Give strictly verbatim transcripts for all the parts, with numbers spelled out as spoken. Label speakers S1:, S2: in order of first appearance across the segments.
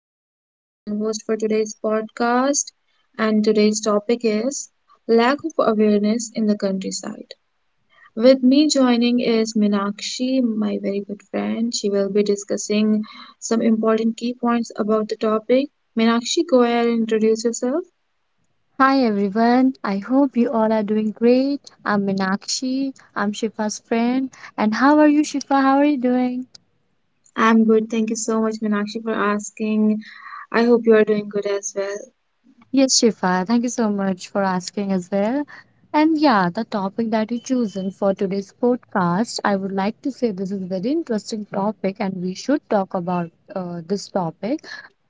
S1: I'm uh, your host for today's podcast, and today's topic is lack of awareness in the countryside. With me joining is Minakshi, my very good friend. She will be discussing some important key points about the topic. Minakshi, go ahead and introduce yourself.
S2: Hi everyone, I hope you all are doing great. I'm Minakshi, I'm Shifa's friend. And how are you, Shifa? How are you doing?
S1: I'm good. Thank you so much, Minakshi, for asking. I hope you are doing good as well.
S2: Yes, Shifa, thank you so much for asking as well. And yeah, the topic that you chosen for today's podcast, I would like to say this is very interesting topic and we should talk about uh, this topic.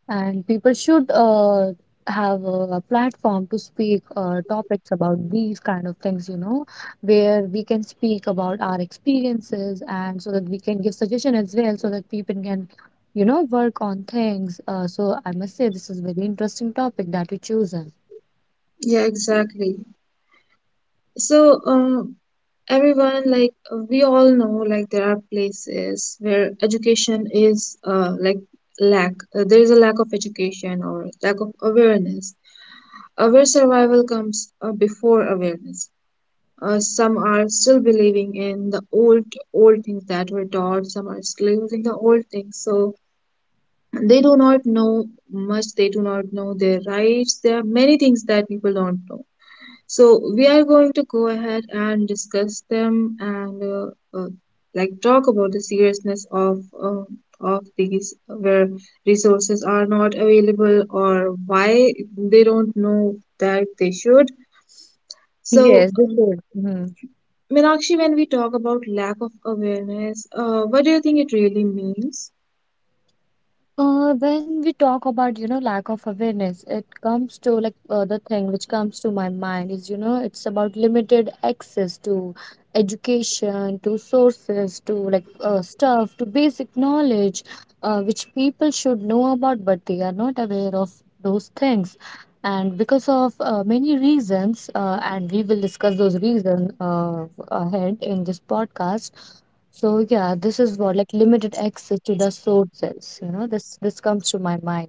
S2: And people should uh, have a, a platform to speak uh, topics about these kind of things, you know, where we can speak about our experiences and so that we can give suggestion as well, so that people can, you know, work on things. Uh, so I must say this is very interesting topic that you chosen.
S1: Yeah, exactly. So, um, Everyone, like, we all know, like, there are places where education is uh, like lack uh, there is a lack of education or lack of awareness uh, where survival comes uh, before awareness. Uh, some are still believing in the old old things that were taught, some are still using the old things, so they do not know much, they do not know their rights. There are many things that people don't know, so we are going to go ahead and discuss them, and uh, uh, like talk about the seriousness of uh, of these where resources are not available, or why they don't know that they should. So
S2: Yes, this
S1: um,
S2: is. Mhm.
S1: Meenakshi, when we talk about lack of awareness, uh, what do you think it really means?
S2: Uh, when we talk about, you know, lack of awareness, it comes to like uh, the thing which comes to my mind is, you know, it's about limited access to education, to sources, to like uh, stuff, to basic knowledge, uh, which people should know about, but they are not aware of those things. And because of uh, many reasons, uh, and we will discuss those reasons uh, ahead in this podcast. So yeah, this is what like limited access to the sources, you know, this this comes to my mind.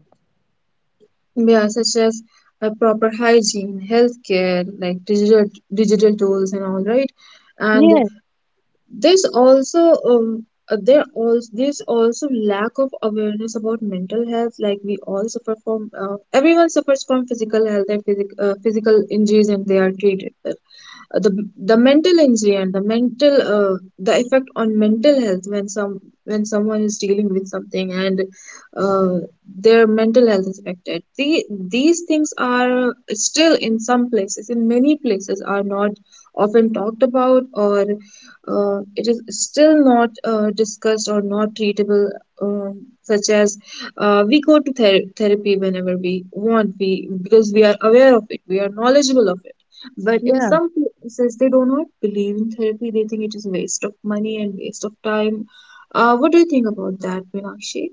S1: Yeah, such as uh, proper hygiene, healthcare, like digital digital tools and all, right? And
S2: Yes,
S1: there's also um, uh, there also there's also lack of awareness about mental health. Like, we all suffer from uh, everyone suffers from physical health and physic, uh, physical injuries, and they are treated well. The the mental injury and the mental uh, the effect on mental health when some when someone is dealing with something and uh, their mental health is affected, the, these things are still in some places, in many places, are not often talked about, or uh, it is still not uh, discussed or not treatable. Um, such as, uh, we go to ther- therapy whenever we want, we, because we are aware of it, we are knowledgeable of it. But in
S2: yeah.
S1: some cases, they do not believe in therapy. They think it is a waste of money and waste of time. Uh, what do you think about that, Meenakshi?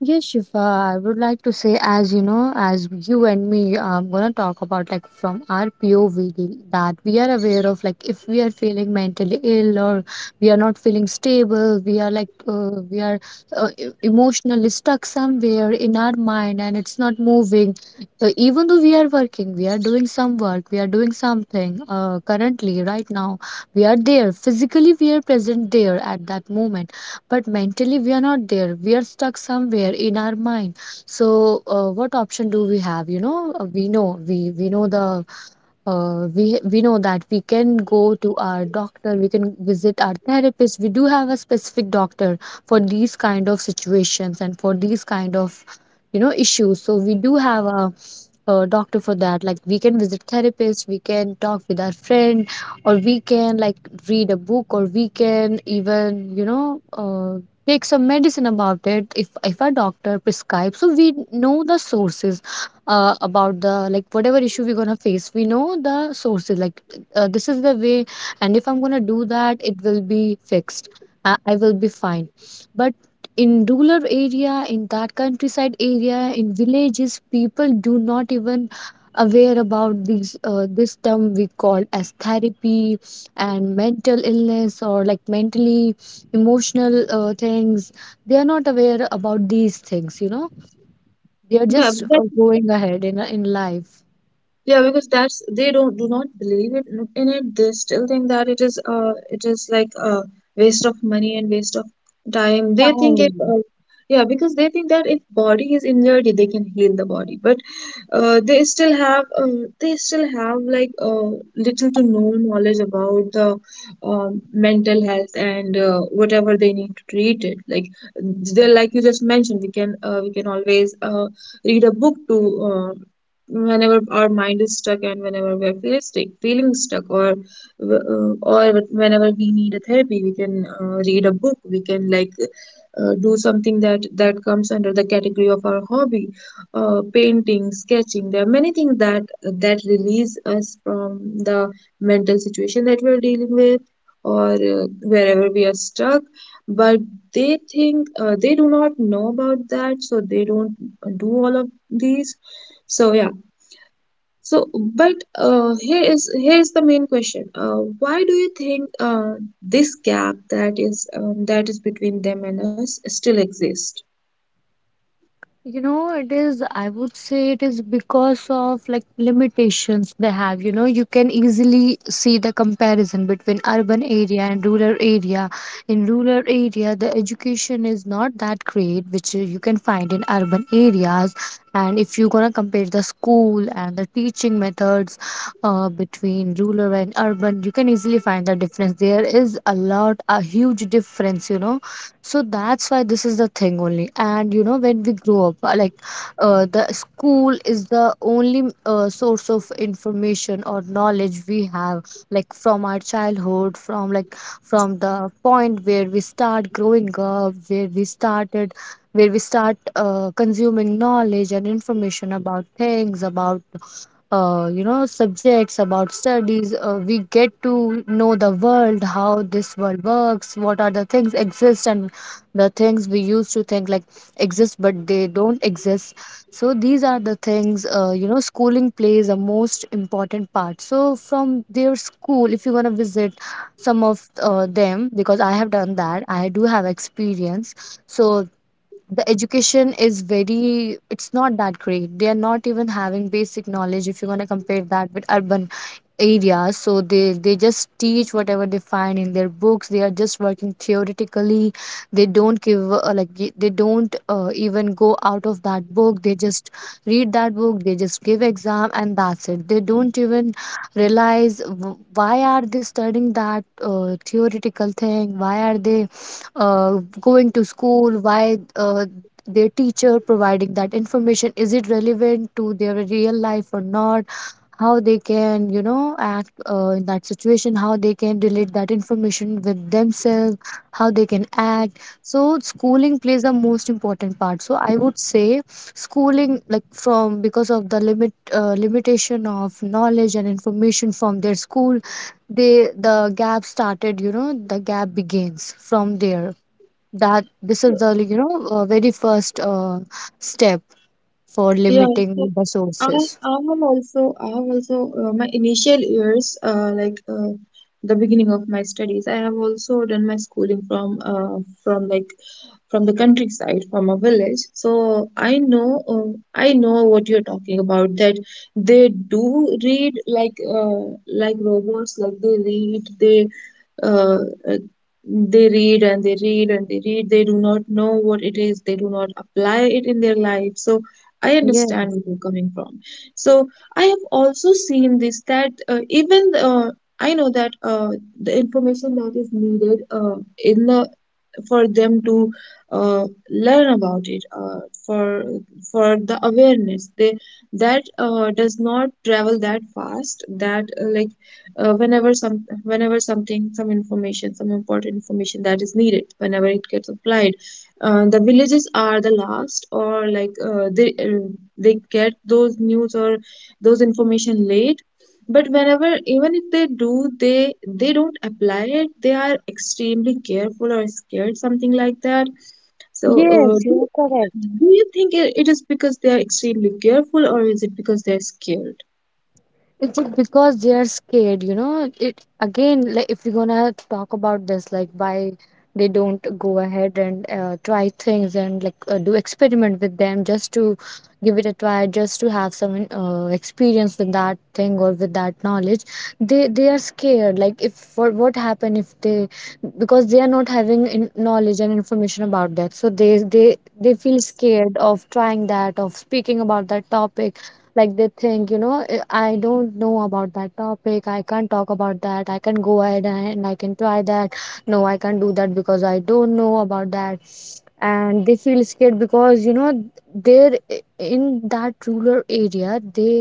S2: Yes, Shifa, I would like to say, as you know, as you and me, I'm gonna talk about like from our P O V l- that we are aware of, like if we are feeling mentally ill or we are not feeling stable, we are like uh, we are uh, e- emotionally stuck somewhere in our mind and it's not moving. Uh, even though we are working, we are doing some work, we are doing something uh, currently, right now, we are there physically, we are present there at that moment, but mentally we are not there. We are stuck somewhere in our mind. So uh, what option do we have you know Uh, we know we we know the uh, we we know that we can go to our doctor. We can visit our therapist. We do have a specific doctor for these kind of situations and for these kind of you know issues. So we do have a, a doctor for that. Like we can visit therapist, we can talk with our friend, or we can like read a book, or we can even you know uh, take some medicine about it if if a doctor prescribes. So we know the sources uh, about the, like, whatever issue we're gonna face. We know the sources, like, uh, this is the way. And if I'm gonna do that, it will be fixed. I, I will be fine. But in rural area, in that countryside area, in villages, people do not even aware about these uh, this term we call as therapy and mental illness, or like mentally emotional uh, things. They are not aware about these things you know They're
S1: Yeah,
S2: just
S1: that,
S2: uh, going ahead in in life.
S1: yeah, because that's they don't do not believe it in in it. They still think that it is uh it is like a waste of money and waste of time. They think if
S2: Time.
S1: uh, yeah, because they think that if body is injured, they can heal the body. But uh, they still have uh, they still have, like, uh, little to no knowledge about the um, mental health, and uh, whatever they need to treat it. Like, they, like you just mentioned, we can, uh, we can always uh, read a book to, uh, whenever our mind is stuck, and whenever we're feeling stuck, feeling stuck or uh, or whenever we need a therapy, we can uh, read a book, we can, like, uh, do something that that comes under the category of our hobby, uh, painting, sketching. There are many things that that release us from the mental situation that we're dealing with, or uh, wherever we are stuck. But they think uh, they do not know about that, so they don't do all of these. So yeah. So, but uh, here is here is the main question. Uh, why do you think, uh, this gap that is, um, that is between them and us, still exists?
S2: You know, it is, I would say it is because of like limitations they have. You know, you can easily see the comparison between urban area and rural area. In rural area, the education is not that great, which uh, you can find in urban areas. And if you're gonna compare the school and the teaching methods uh, between rural and urban, you can easily find the difference. There is a lot, a huge difference, you know So that's why this is the thing only. And you know when we grow up, uh, like, uh, the school is the only uh, source of information or knowledge we have, like from our childhood, from, like, from the point where we start growing up where we started where we start uh, consuming knowledge and information about things, about uh, you know subjects, about studies uh, we get to know the world, how this world works, what are the things exist. And the things we used to think like exist but they don't exist. So these are the things uh, you know schooling plays a most important part. So from their school, if you want to visit some of uh, them, because I have done that, I do have experience. So the education is very, it's not that great. They are not even having basic knowledge if you want to compare that with urban areas. So they they just teach whatever they find in their books. They are just working theoretically. They don't give uh, like y- they don't uh, even go out of that book. They just read that book, they just give exam, and that's it. They don't even realize, w- why are they studying that uh, theoretical thing? Why are they uh, going to school? Why uh, their teacher providing that information, is it relevant to their real life or not? How they can you know act uh, in that situation? How they can relate that information with themselves? How they can act? So schooling plays the most important part. So I would say schooling, like from, because of the limit uh, limitation of knowledge and information from their school, they the gap started you know the gap begins from there. That this is the, you know uh, very first uh, step for
S1: Yeah,
S2: limiting the
S1: I
S2: sources.
S1: I have also, I have also uh, my initial years, uh, like uh, the beginning of my studies, I have also done my schooling from, uh, from like from the countryside, from a village, so I know, uh, I know what you're talking about, that they do read like, uh, like robots. Like they read, they uh, uh, they read and they read and they read, they do not know what it is, they do not apply it in their life. So I
S2: Yeah.
S1: understand where you're coming from. So I have also seen this, that uh, even uh, I know that uh, the information that is needed uh, in the for them to uh, learn about it, uh, for for the awareness, they that uh, does not travel that fast. That uh, like uh, whenever some whenever something, some information, some important information that is needed, whenever it gets applied, uh, the villages are the last, or like, uh, they uh, they get those news or those information late. But whenever, even if they do, they they don't apply it, they are extremely careful or scared, something like that. So uh,
S2: Yes,
S1: do,
S2: you're correct.
S1: do you think it, it is because they are extremely careful, or is it because they are scared?
S2: It's just because they are scared, you know. It again, like if we're gonna talk about this, like why they don't go ahead and uh, try things, and like uh, do experiment with them, just to give it a try, just to have some uh, experience with that thing or with that knowledge. They they are scared. Like, if what what happen if they, because they are not having in, knowledge and information about that, so they they they feel scared of trying that, of speaking about that topic. Like they think, you know, "Eh, I don't know about that topic. I can't talk about that. I can go ahead and I can try that. No, I can't do that because I don't know about that." And they feel scared because, you know, they're i- in that rural area. They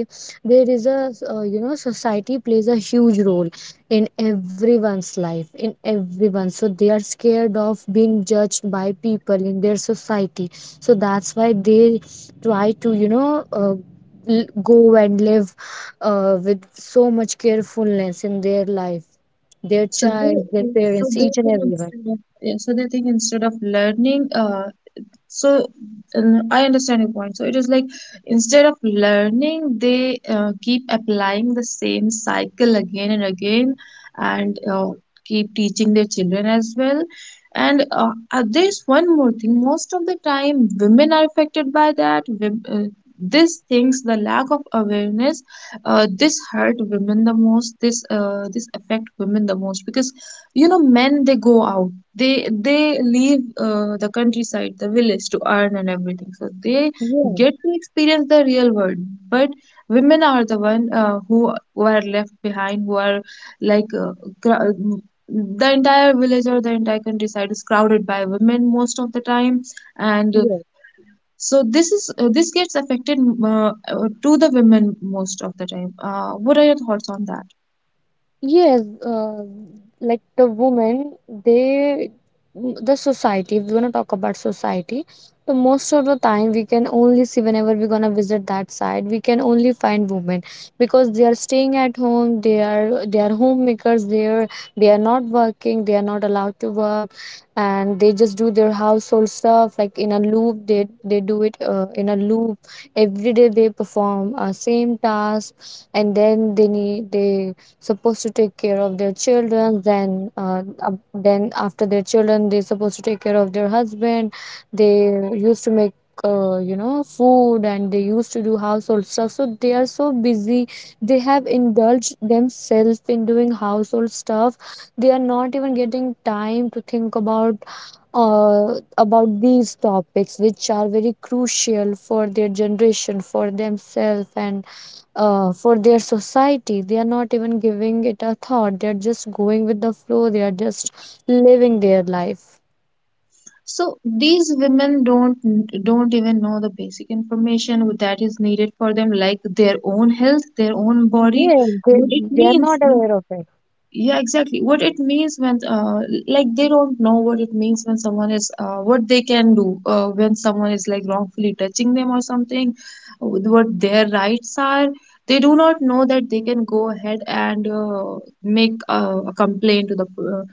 S2: there is a uh, you know society plays a huge role in everyone's life, in everyone. So they are scared of being judged by people in their society. So that's why they try to you know uh, l- go and live uh, with so much carefulness in their life, their
S1: so they
S2: child, their
S1: so
S2: parents,
S1: they
S2: each and
S1: think
S2: everyone.
S1: instead of yeah So they think, instead of learning, uh So uh, I understand your point. So it is like, instead of learning, they uh, keep applying the same cycle again and again, and uh, keep teaching their children as well. And uh, uh, there's one more thing. Most of the time, women are affected by that. Wom- uh, these things, the lack of awareness, uh, this hurt women the most. This uh, this affect women the most, because you know, men, they go out, they they leave uh, the countryside, the village, to earn and everything, so they
S2: Yeah,
S1: get to experience the real world. But women are the one, uh, who, who are left behind, who are, like uh, cr- the entire village or the entire countryside is crowded by women most of the time. And uh,
S2: yeah.
S1: so this is, uh, this gets affected, uh, uh, to the women most of the time. Uh, what are your thoughts on that?
S2: Yes, uh, like the women, they, the society, if we're gonna talk about society, the most of the time we can only see, whenever we're gonna visit that side, we can only find women because they are staying at home, they are they are homemakers. There they are not working, they are not allowed to work, and they just do their household stuff like in a loop. They they do it uh, in a loop every day. They perform a same task. And then they need they supposed to take care of their children. Then uh, ab- then after their children, they're supposed to take care of their husband. They used to make uh, you know food and they used to do household stuff. So they are so busy. They have indulged themselves in doing household stuff. They are not even getting time to think about uh, about these topics which are very crucial for their generation, for themselves, and uh, for their society. They are not even giving it a thought. They are just going with the flow. They are just living their life.
S1: So these women don't don't even know the basic information that is needed for them, like their own health, their own body,
S2: Yes, they,
S1: what it
S2: they are
S1: means.
S2: not aware of it.
S1: Yeah, exactly, what it means when, uh, like they don't know what it means when someone is, uh, what they can do uh, when someone is like wrongfully touching them or something, with what their rights are. They do not know that they can go ahead and uh, make a, a complaint to the uh,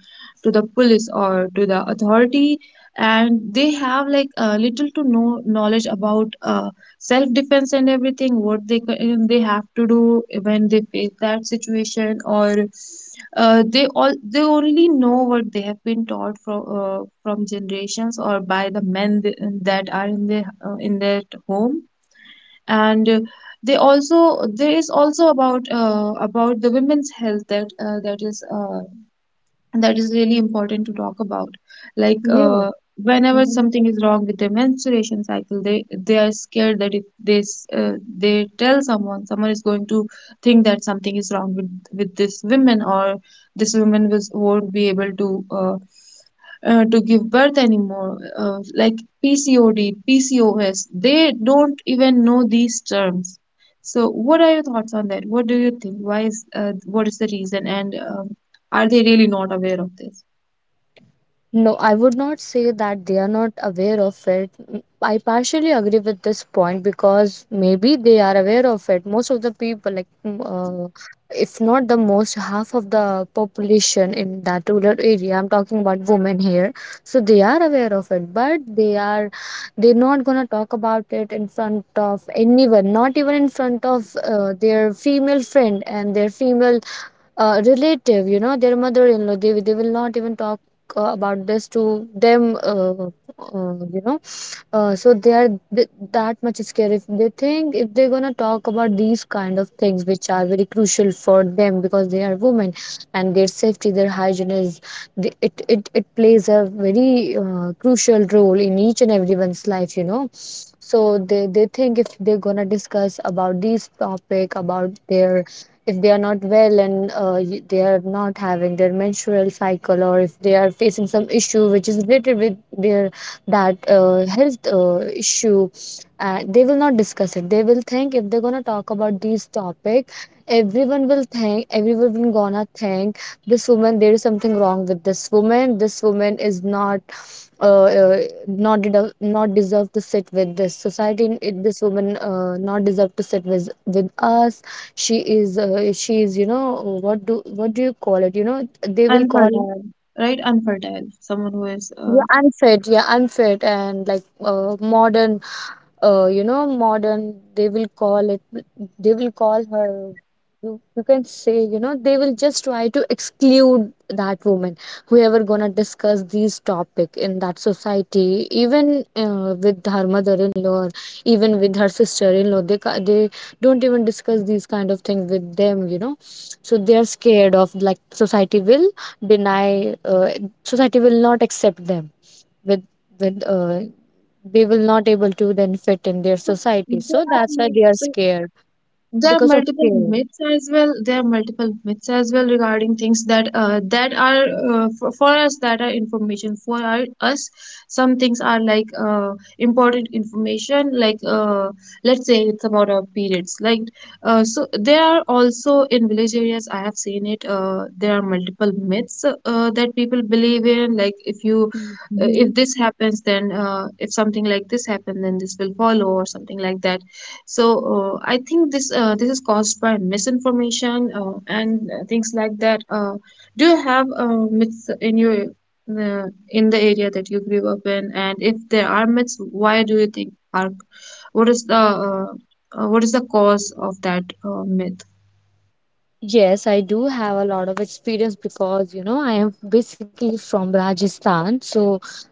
S1: to the police or to the authority. And they have, like, uh, little to no knowledge about uh, self defense and everything, what they ca- they have to do when they face that situation, or uh, they all they only know what they have been taught from, uh, from generations, or by the men th- that are in their, uh, in their home. And uh, they also there is also about, uh, about the women's health, that uh, that is uh, and that is really important to talk about. Like, uh, whenever
S2: Yeah.
S1: something is wrong with their menstruation cycle, they they are scared that if they s- uh, they tell someone, someone is going to think that something is wrong with with this woman, or this woman was, won't be able to uh, uh, to give birth anymore, uh, like, pcod, pcos, they don't even know these terms. So, what are your thoughts on that? What do you think, why is, uh, what is the reason? And um, are they really not aware of this?
S2: No, I would not say that they are not aware of it. Mm, I partially agree with this point because maybe they are aware of it. Most of the people, like, mm, uh, if not the most, half of the population in that rural area, I'm talking about women here, so they are aware of it, but they are they're not gonna talk about it in front of anyone, not even in front of uh, their female friend and their female uh, relative, you know, their mother-in-law, they, they will not even talk uh, about this to them, uh, uh, you know. Uh, so they are th- that much scared if they think if they're gonna talk about these kind of things which are very crucial for them because they are women, and their safety, their hygiene is the, it, it it plays a very uh, crucial role in each and everyone's life, you know. So they they think if they're gonna discuss about these topic about their, if they are not well and uh, y- they are not having their menstrual cycle, or if they are facing some issue which is related with their, that uh, health uh, issue, and they will not discuss it. They will think if they're gonna talk about these topic, everyone will think, everyone will gonna think this woman, there is something wrong with this woman, this woman is not uh, uh, not de- not deserve to sit with this society, it, this woman uh, not deserve to sit with with us. She is uh, she is, you know, what do what do you call it, you know, they will call,
S1: Unfertile, right? Unfertile. Someone who is, uh,
S2: yeah, unfit, yeah, unfit and like uh, modern, uh, you know, modern, they will call it, they will call her, you, you can say, you know, they will just try to exclude that woman, whoever gonna discuss these topic in that society, even uh, with her mother-in-law, or even with her sister-in-law, they, ca- they don't even discuss these kind of things with them, you know. So they are scared of like society will deny, uh, society will not accept them with with uh, they will not able to then fit in their
S1: there
S2: society, so
S1: are
S2: that's why they are
S1: multiple,
S2: scared
S1: there are
S2: because of
S1: multiple
S2: fear.
S1: myths as well there are multiple myths as well regarding things that, uh, that are uh, for, for us, that are information for our, us. Some things are like, uh, important information, like, uh, let's say it's about our periods, like, uh, so there are also, in village areas, I have seen it, uh, there are multiple myths uh, that people believe in, like, if you, uh, if
S2: Mhm.
S1: this happens, then, uh, if something like this happens, then this will follow, or something like that. So uh, I think this, uh, this is caused by misinformation, uh, and uh, things like that. Uh, do you have uh, myths in your, uh, in the area that you grew up in? And if there are myths, why do you think are, what is the, uh, uh, what is the cause of that, uh, myth?
S2: Yes, I do have a lot of experience because, you know, I am basically from Rajasthan. So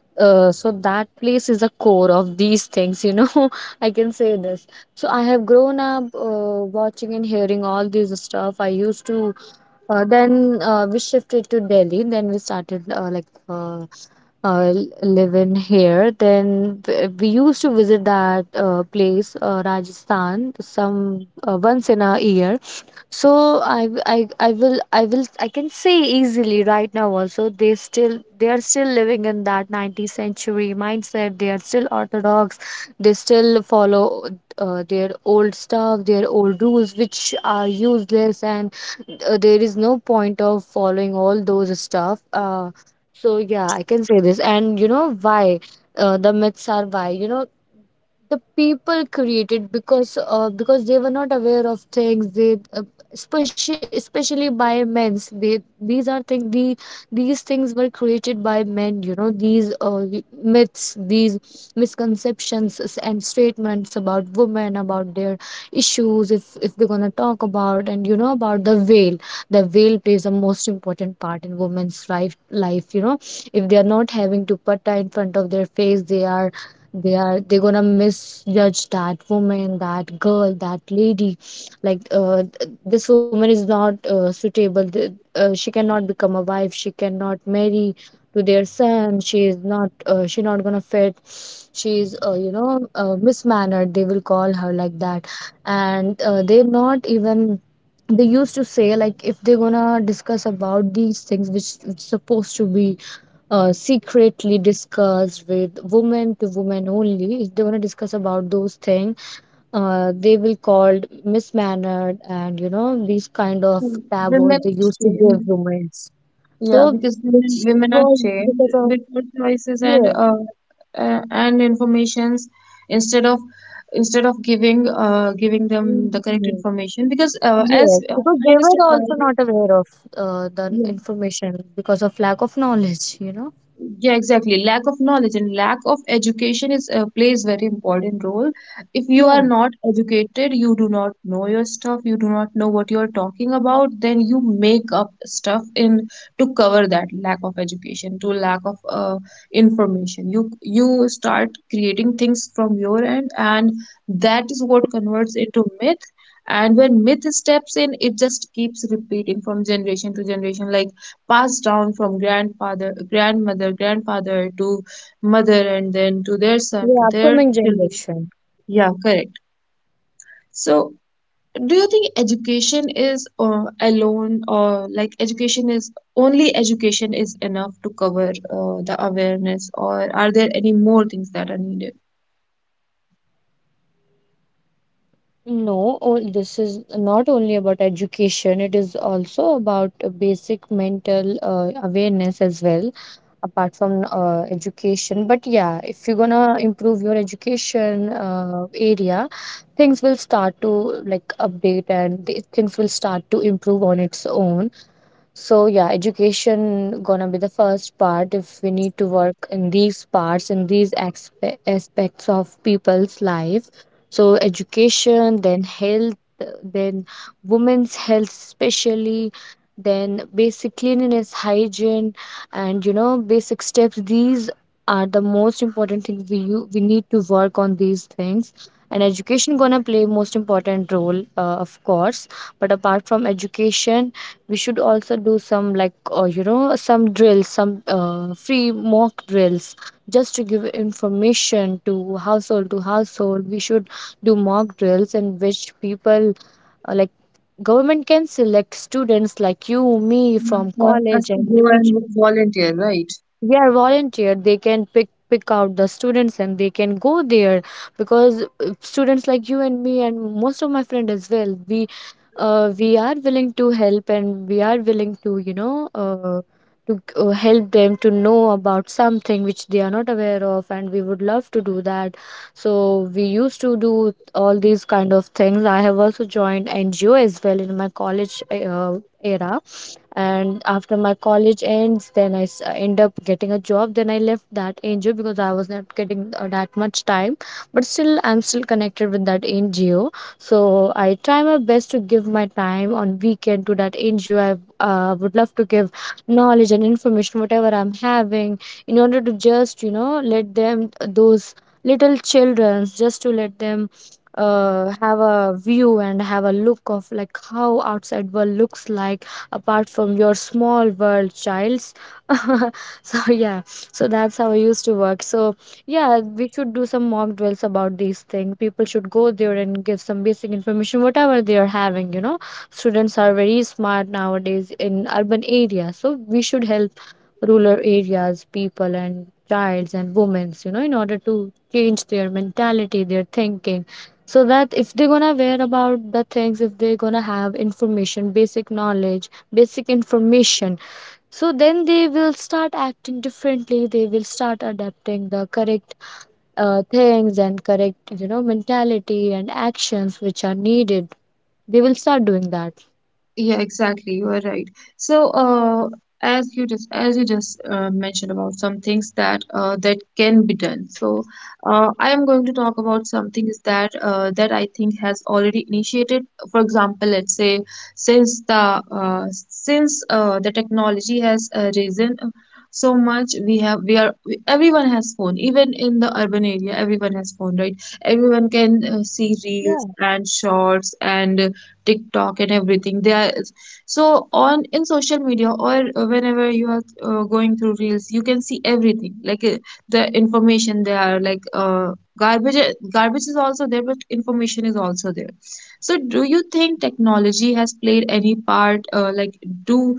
S2: uh, so that place is a core of these things, you know. I can say this. So I have grown up uh, watching and hearing all this stuff. I used to. Uh, then uh, we shifted to Delhi. Then we started uh, like, uh, uh, living here. Then w- we used to visit that uh, place, uh, Rajasthan, some uh, once in a year. So I, w- I I will I will I can say easily right now also, they still they are still living in that nineteenth century mindset. They are still orthodox. They still follow uh, their old stuff, their old rules which are useless, and uh, there is no point of following all those stuff. Uh, so yeah, I can say this. And you know why uh, the myths are, why, you know, the people created because uh, because they were not aware of things. They, especially especially by men's, they, these are thing the, these things were created by men, you know. These uh, myths, these misconceptions and statements about women, about their issues. If if we're going to talk about, and you know, about the veil, the veil plays the most important part in women's life life, you know. If they are not having dupatta in front of their face, they are they are they're gonna misjudge that woman, that girl, that lady. Like, uh, th- this woman is not uh, suitable. Th- uh, she cannot become a wife. She cannot marry to their son. She is not uh, she not gonna fit. She is, uh, you know, uh, mismannered. They will call her like that. And uh, they're not even, they used to say like if they're gonna discuss about these things which which supposed to be uh, secretly discussed with women to women only, if they want to discuss about those things, uh, they will called mismannered. And you know, these kind of tab words
S1: Women
S2: they used to give
S1: shame.
S2: roommates.
S1: Yeah,
S2: So,
S1: because women
S2: which
S1: women are
S2: was
S1: shamed
S2: because of,
S1: with good choices and,
S2: yeah.
S1: uh, uh, and informations, instead of instead of giving, uh, giving them the correct
S2: Mhm.
S1: information, because, uh, as
S2: Yes,
S1: uh,
S2: because
S1: I
S2: they were
S1: understand why.
S2: also not aware of uh, the
S1: Yeah,
S2: information because of lack of knowledge, you know.
S1: yeah, exactly. Lack of knowledge and lack of education is, uh, plays very important role. If you are
S2: Yeah.
S1: not educated, you do not know your stuff, you do not know what you are talking about, then you make up stuff in, to cover that lack of education, to lack of uh, information. You you start creating things from your end, and that is what converts into myth. And when myth steps in, it just keeps repeating from generation to generation. Like, passed down from grandfather, grandmother, grandfather, to mother, and then to their son, to
S2: Yeah
S1: their
S2: upcoming
S1: children.
S2: generation.
S1: Yeah, correct. So, do you think education is uh, alone, or like education is only education is enough to cover uh, the awareness, or are there any more things that are needed?
S2: No, all, this is not only about education, it is also about uh, basic mental uh, awareness as well, apart from uh, education. But yeah, if you're gonna improve your education uh, area, things will start to like update, and the- things will start to improve on its own. So yeah, education gonna be the first part if we need to work in these parts, in these aspe- aspects of people's life. So education, then health, then women's health especially, then basic cleanliness, hygiene, and you know, basic steps. These are the most important things. We u- we need to work on these things. And education gonna play most important role, uh, of course. But apart from education, we should also do some, like uh, you know, some drills, some uh, free mock drills, just to give information to household to household. We should do mock drills in which people, uh, like government can select students like you, me
S1: Yeah,
S2: from
S1: for us
S2: college
S1: to
S2: and
S1: go
S2: each.
S1: and volunteer, right?
S2: They are volunteer, they can pick pick out the students and they can go there because uh, students like you and me, and most of my friend as well, we uh, we are willing to help, and we are willing to, you know, uh, to uh, help them to know about something which they are not aware of, and we would love to do that. So we used to do all these kind of things. I have also joined NGO as well in my college uh, era. And after my college ends, then i s- uh, end up getting a job. Then I left that NGO because I was not getting uh, that much time. But still, I'm still connected with that NGO. So I try my best to give my time on weekend to that NGO. I uh, would love to give knowledge and information whatever I'm having, in order to just, you know, let them, uh, those little children, just to let them uh, have a view and have a look of like how outside world looks like, apart from your small world childs. So yeah, so that's how I used to work. So yeah, we should do some mock drills about these things. People should go there and give some basic information whatever they are having, you know. Students are very smart nowadays in urban areas, so we should help rural areas, people and childs and women's, you know, in order to change their mentality, their thinking. So that if they're gonna wear about the things, if they're gonna have information, basic knowledge, basic information, so then they will start acting differently. They will start adapting the correct uh, things and correct, you know, mentality and actions which are needed. They will start doing that.
S1: Yeah, exactly. You are right. So, uh, as you just as you just uh, mentioned about some things that uh, that can be done. So, uh, I am going to talk about some things that uh, that I think has already initiated. For example, let's say since the uh, since uh, the technology has uh, risen uh, so much, we have we are we- everyone has phone. Even in the urban area, everyone has phone, right? Everyone can uh, see reels and shorts and TikTok and everything. They are so on in social media or whenever you are uh, going through reels, you can see everything like uh, the information they are like uh, garbage. Garbage is also there, but information is also there. So, do you think technology has played any part? Uh, like, do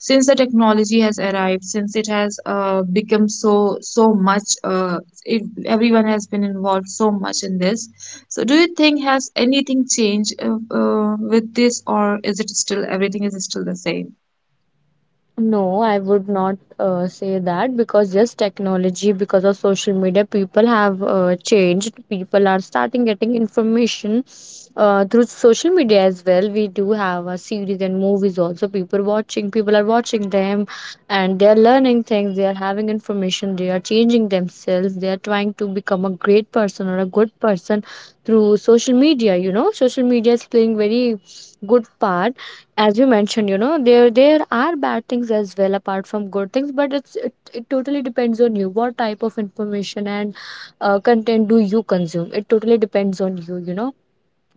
S1: since the technology has arrived, since it has uh, become so so much, uh, it, everyone has been involved so much in this so, do you think has anything changed uh, uh, with this, or is it still everything is still the same?
S2: No, I would not uh, say that because yes, technology, because of social media, people have uh, changed. People are starting getting information uh, through social media as well. We do have a series and movies also. People watching, people are watching them, and they are learning things. They are having information. They are changing themselves. They are trying to become a great person or a good person through social media. You know, social media is playing very good part. As you mentioned, you know, there there are bad things as well apart from good things. But it's it, it totally depends on you what type of information and uh, content do you consume. It totally depends on you, you know.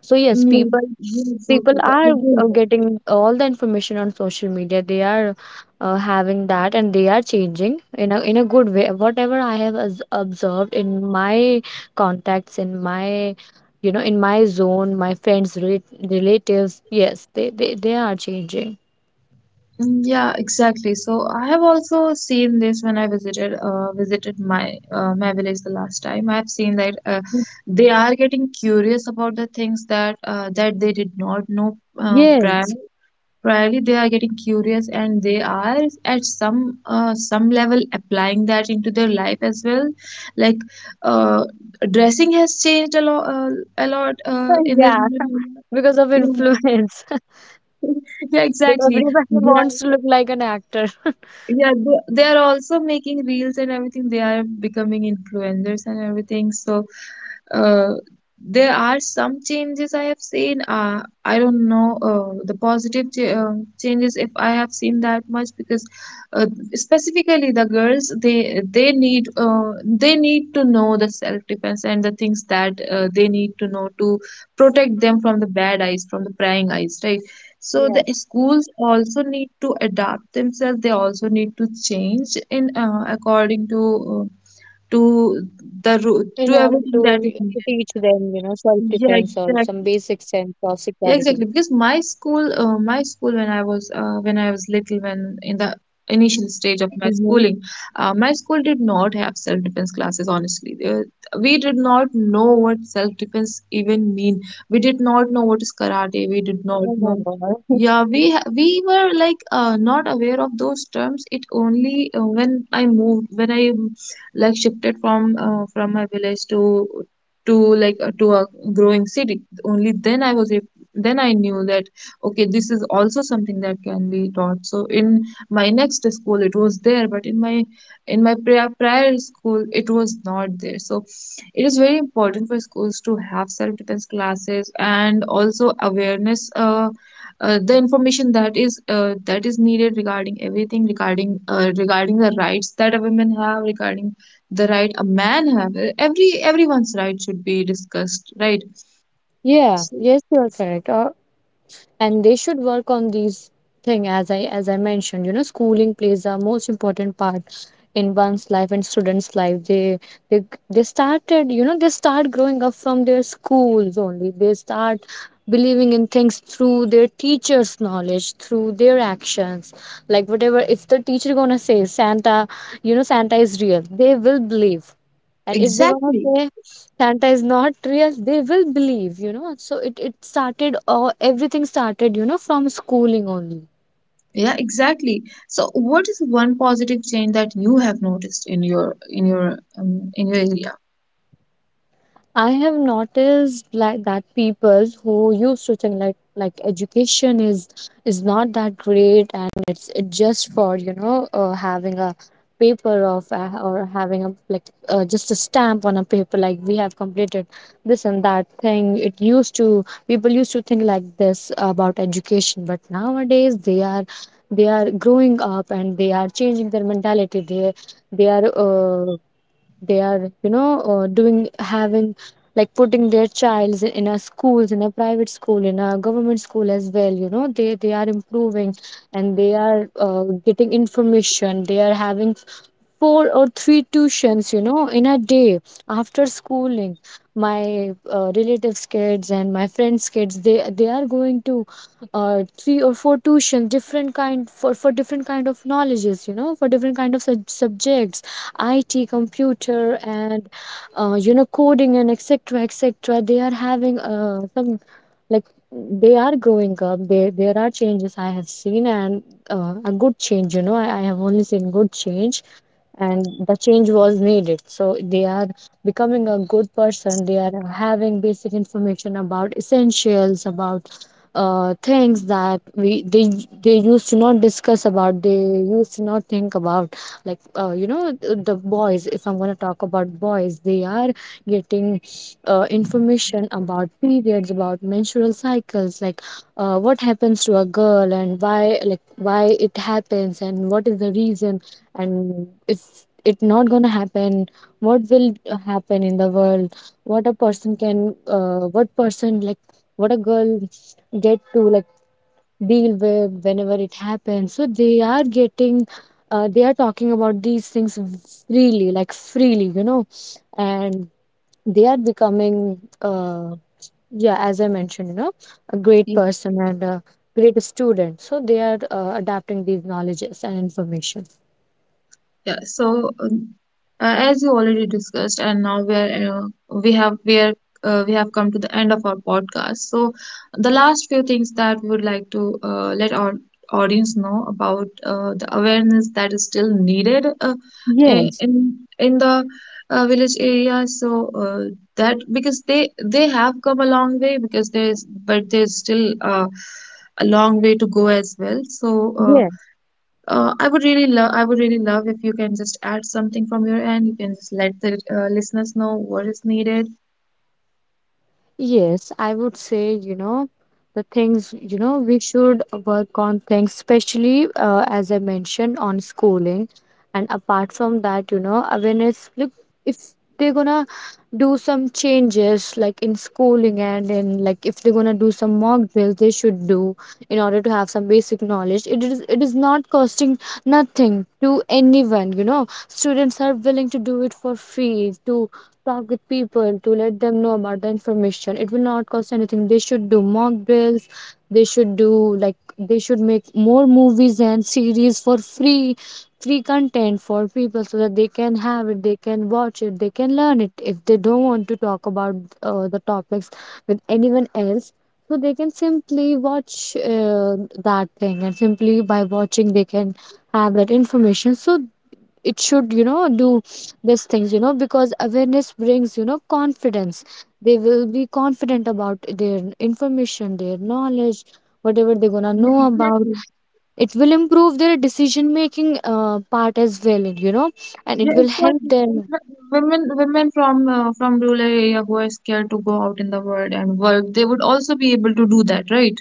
S2: So yes,
S1: Yeah,
S2: people
S1: yeah,
S2: people
S1: exactly. The- I
S2: are
S1: agree
S2: uh,
S1: with that.
S2: getting all the information on social media. They are uh, having that, and they are changing in a in a good way. Whatever I have as observed in my contacts, in my, you know, in my zone, my friends, rel, relatives, yes, they they they are changing.
S1: Mm, yeah, exactly. So I have also seen this when I visited uh, visited my uh, my village the last time. I have seen that uh, they are getting curious about the things that uh, that they did not know uh, prior.
S2: Yes.
S1: Probably they are getting curious and they are at some uh, some level applying that into their life as well. Like, uh, dressing has changed a lot, uh, a lot uh, in the
S2: Yeah, because of
S1: yeah,
S2: influence.
S1: yeah,
S2: That
S1: exactly.
S2: everybody
S1: They
S2: wants to look like an actor.
S1: yeah, they, they are also making reels and everything. They are becoming influencers and everything. So, uh, there are some changes I have seen. Uh, I don't know uh, the positive ch um changes if I have seen that much because uh, specifically the girls they they need uh, they need to know the self-defense and the things that uh, they need to know to protect them from the bad eyes, from the prying eyes, right? So the schools
S2: Yeah.
S1: also need to adapt themselves. They also need to change in uh, according to uh, to the ru- to
S2: In order
S1: everything
S2: to,
S1: that is
S2: to
S1: needed.
S2: teach them, you know,
S1: Yeah,
S2: self-defense or some
S1: exactly.
S2: basic sense of
S1: Yeah, exactly.
S2: security.
S1: Because my school, uh, my school when I was uh, when I was little, when in the initial stage of my schooling,
S2: Mm-hmm.
S1: uh, my school did not have self-defense classes. Honestly, uh, we did not know what self-defense even mean. We did not know what is karate. We did not know.
S2: Oh my
S1: Yeah,
S2: God.
S1: we ha- we were like uh, not aware of those terms. It only uh, when I moved, when I um, like shifted from uh, from my village to to like uh, to a growing city, only then I was then I knew that okay, this is also something that can be taught. So in my next school it was there, but in my in my prior, prior school it was not there. So it is very important for schools to have self defense classes and also awareness uh, uh, the information that is uh, that is needed regarding everything, regarding uh, regarding the rights that a woman have, regarding the right a man have. Every everyone's right should be discussed, right?
S2: Yeah,
S1: So,
S2: yes, you are correct. Or, and they should work on these thing, as i as i mentioned, you know, schooling plays a most important part in one's life and students life. They they they started, you know, they start growing up from their schools only. They start believing in things through their teachers knowledge, through their actions. Like whatever, if the teacher gonna say Santa, you know, Santa is real, they will believe. And if they're gonna
S1: exactly.
S2: say Santa is not real, they will believe, you know. So it it started, or everything started, you know, from schooling only.
S1: Yeah, exactly. So, what is one positive change that you have noticed in your in your um, in your area?
S2: I have noticed like that people who used to think like like education is is not that great, and it's it just for, you know, uh, having a paper of uh, or having a, like uh, just a stamp on a paper like we have completed this and that thing. It used to, people used to think like this about education, but nowadays they are, they are growing up and they are changing their mentality. They they are uh, they are, you know, uh, doing, having, like putting their childs in in a schools, in a private school, in a government school as well, you know. They they are improving, and they are uh, getting information. They are having four or three tuitions, you know, in a day after schooling. My uh, relatives' kids and my friends' kids, they they are going to uh, three or four tuitions, different kind for for different kind of knowledges, you know, for different kind of sub- subjects, I T, computer, and uh, you know, coding and et cetera et cetera They are having uh, some like they are growing up they there are changes I have seen. And uh, a good change, you know, I, I have only seen good change, and the change was needed. So they are becoming a good person. They are having basic information about essentials, about uh, things that we they they used to not discuss about, they used to not think about. Like uh, you know th- the boys, if I'm going to talk about boys, they are getting uh, information about periods, about menstrual cycles, like uh, what happens to a girl and why, like why it happens and what is the reason, and if it's not gonna happen, what will happen in the world, what a person can uh, what person like what a girl get to, like, deal with whenever it happens. So they are getting uh, they are talking about these things freely, like freely you know And they are becoming uh, yeah, as I mentioned, you know, a great
S1: Yeah.
S2: person and a great student, so they are uh, adapting these knowledges and information.
S1: Yeah, so um, uh, as you already discussed, and now we're uh, we have we are uh, we have come to the end of our podcast. So the last few things that we would like to uh, let our audience know about uh, the awareness that is still needed uh, i-
S2: Yes,
S1: in in the uh, village area. So uh, that because they they have come a long way because there's but there's still uh, a long way to go as well. So. Uh,
S2: yes.
S1: uh, I would really love. I would really love if you can just add something from your end. You can just let the uh, listeners know what is needed.
S2: Yes, I would say, you know, the things, you know, we should work on things, especially, uh, as I mentioned, on schooling. And apart from that, you know, awareness. Look, if they're gonna do some changes, like in schooling, and in, like, if they're gonna do some mock drills, they should do, in order to have some basic knowledge. It is it is not costing nothing to anyone, you know. Students are willing to do it for free, to talk with people, to let them know about the information. It will not cost anything. They should do mock drills, they should do, like, they should make more movies and series for free, free content for people, so that they can have it, they can watch it, they can learn it, if they don't want to talk about uh, the topics with anyone else. So they can simply watch uh, that thing, and simply by watching they can have that information. So it should, you know, do these things, you know, because awareness brings, you know, confidence. They will be confident about their information, their knowledge, whatever they're gonna
S1: Yeah,
S2: know about.
S1: exactly.
S2: It will improve their decision making uh, part as well, you know, and it
S1: Yeah,
S2: will help
S1: exactly. And
S2: them.
S1: wh- women, women from uh, from rural area who are scared to go out in the world and work, they would also be able to do that, right?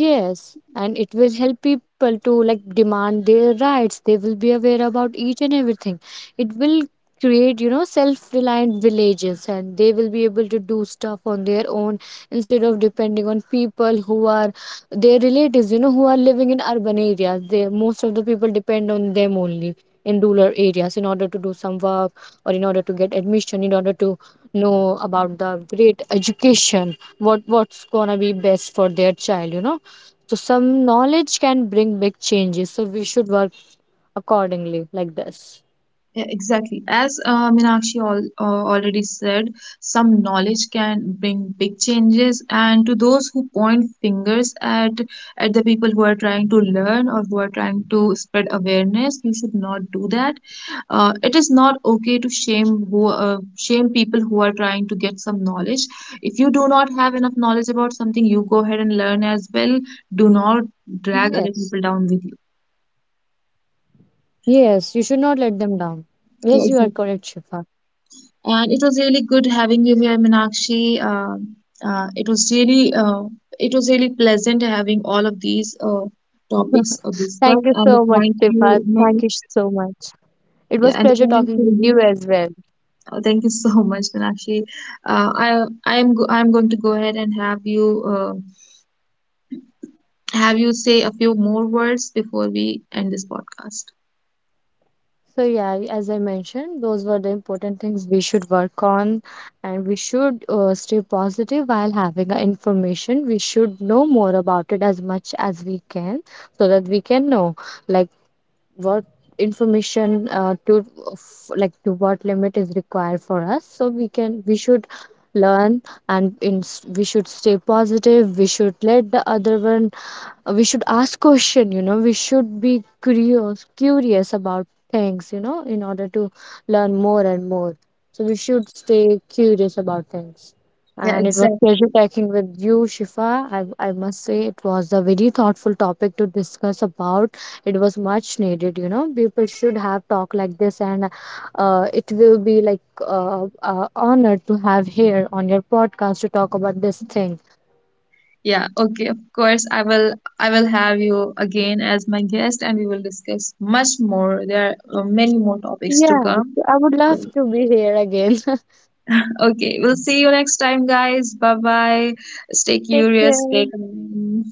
S2: Yes, and it will help people to, like, demand their rights. They will be aware about each and everything. It will create, you know, self-reliant villages, and they will be able to do stuff on their own instead of depending on people who are their relatives, you know, who are living in urban areas. They, most of the people, depend on them only in rural areas, in order to do some work, or in order to get admission, in order to know about the great education, what what's gonna be best for their child, you know. So some knowledge can bring big changes, so we should work accordingly, like this.
S1: Yeah, exactly. As uh, Meenakshi al uh, already said, some knowledge can bring big changes. And to those who point fingers at at the people who are trying to learn or who are trying to spread awareness, you should not do that. Uh, it is not okay to shame who uh, shame people who are trying to get some knowledge. If you do not have enough knowledge about something, you go ahead and learn as well. Do not
S2: Yes.
S1: drag other people down with you.
S2: Yes, you should not let them down. Yes, you are
S1: Yeah,
S2: correct,
S1: exactly.
S2: Shifa.
S1: And it was really good having you here, Minakshi. Uh, uh, it was really uh, it was really pleasant having all of these uh, topics uh,
S2: Thank
S1: discussed
S2: you
S1: and
S2: so
S1: the
S2: much,
S1: point
S2: Shifa.
S1: you
S2: Thank
S1: made.
S2: you so much. It
S1: Yeah,
S2: was
S1: and the
S2: pleasure
S1: point
S2: talking
S1: you
S2: with you
S1: made.
S2: as well.
S1: Uh, thank you so much, Minakshi. Uh, I I'm go I'm going to go ahead and have you uh, have you say a few more words before we end this podcast.
S2: So yeah, I- as I mentioned, those were the important things we should work on, and we should uh, stay positive while having our information. We should know more about it as much as we can, so that we can know, like, what information uh, to f- like, to what limit is required for us. So we can we should learn, and in we should stay positive. We should let the other one uh, we should ask question, you know, we should be curious curious about things, you know, in order to learn more and more. So we should stay curious about things.
S1: Yeah,
S2: And it was
S1: exactly.
S2: pleasure talking with you, Shifa. i, I must say it was a very thoughtful topic to discuss about. It was much needed, you know, people should have talk like this. And uh, it will be, like, uh, uh, honor to have here on your podcast to talk about this thing.
S1: Yeah, okay, of course. I will I will have you again as my guest and we will discuss much more. There are uh, many more topics to
S2: Yeah,
S1: come.
S2: I would love
S1: Yeah.
S2: to be here again.
S1: Okay, we'll see you next time, guys. Bye bye. Stay
S2: Take
S1: curious, stay
S2: care.
S1: kind.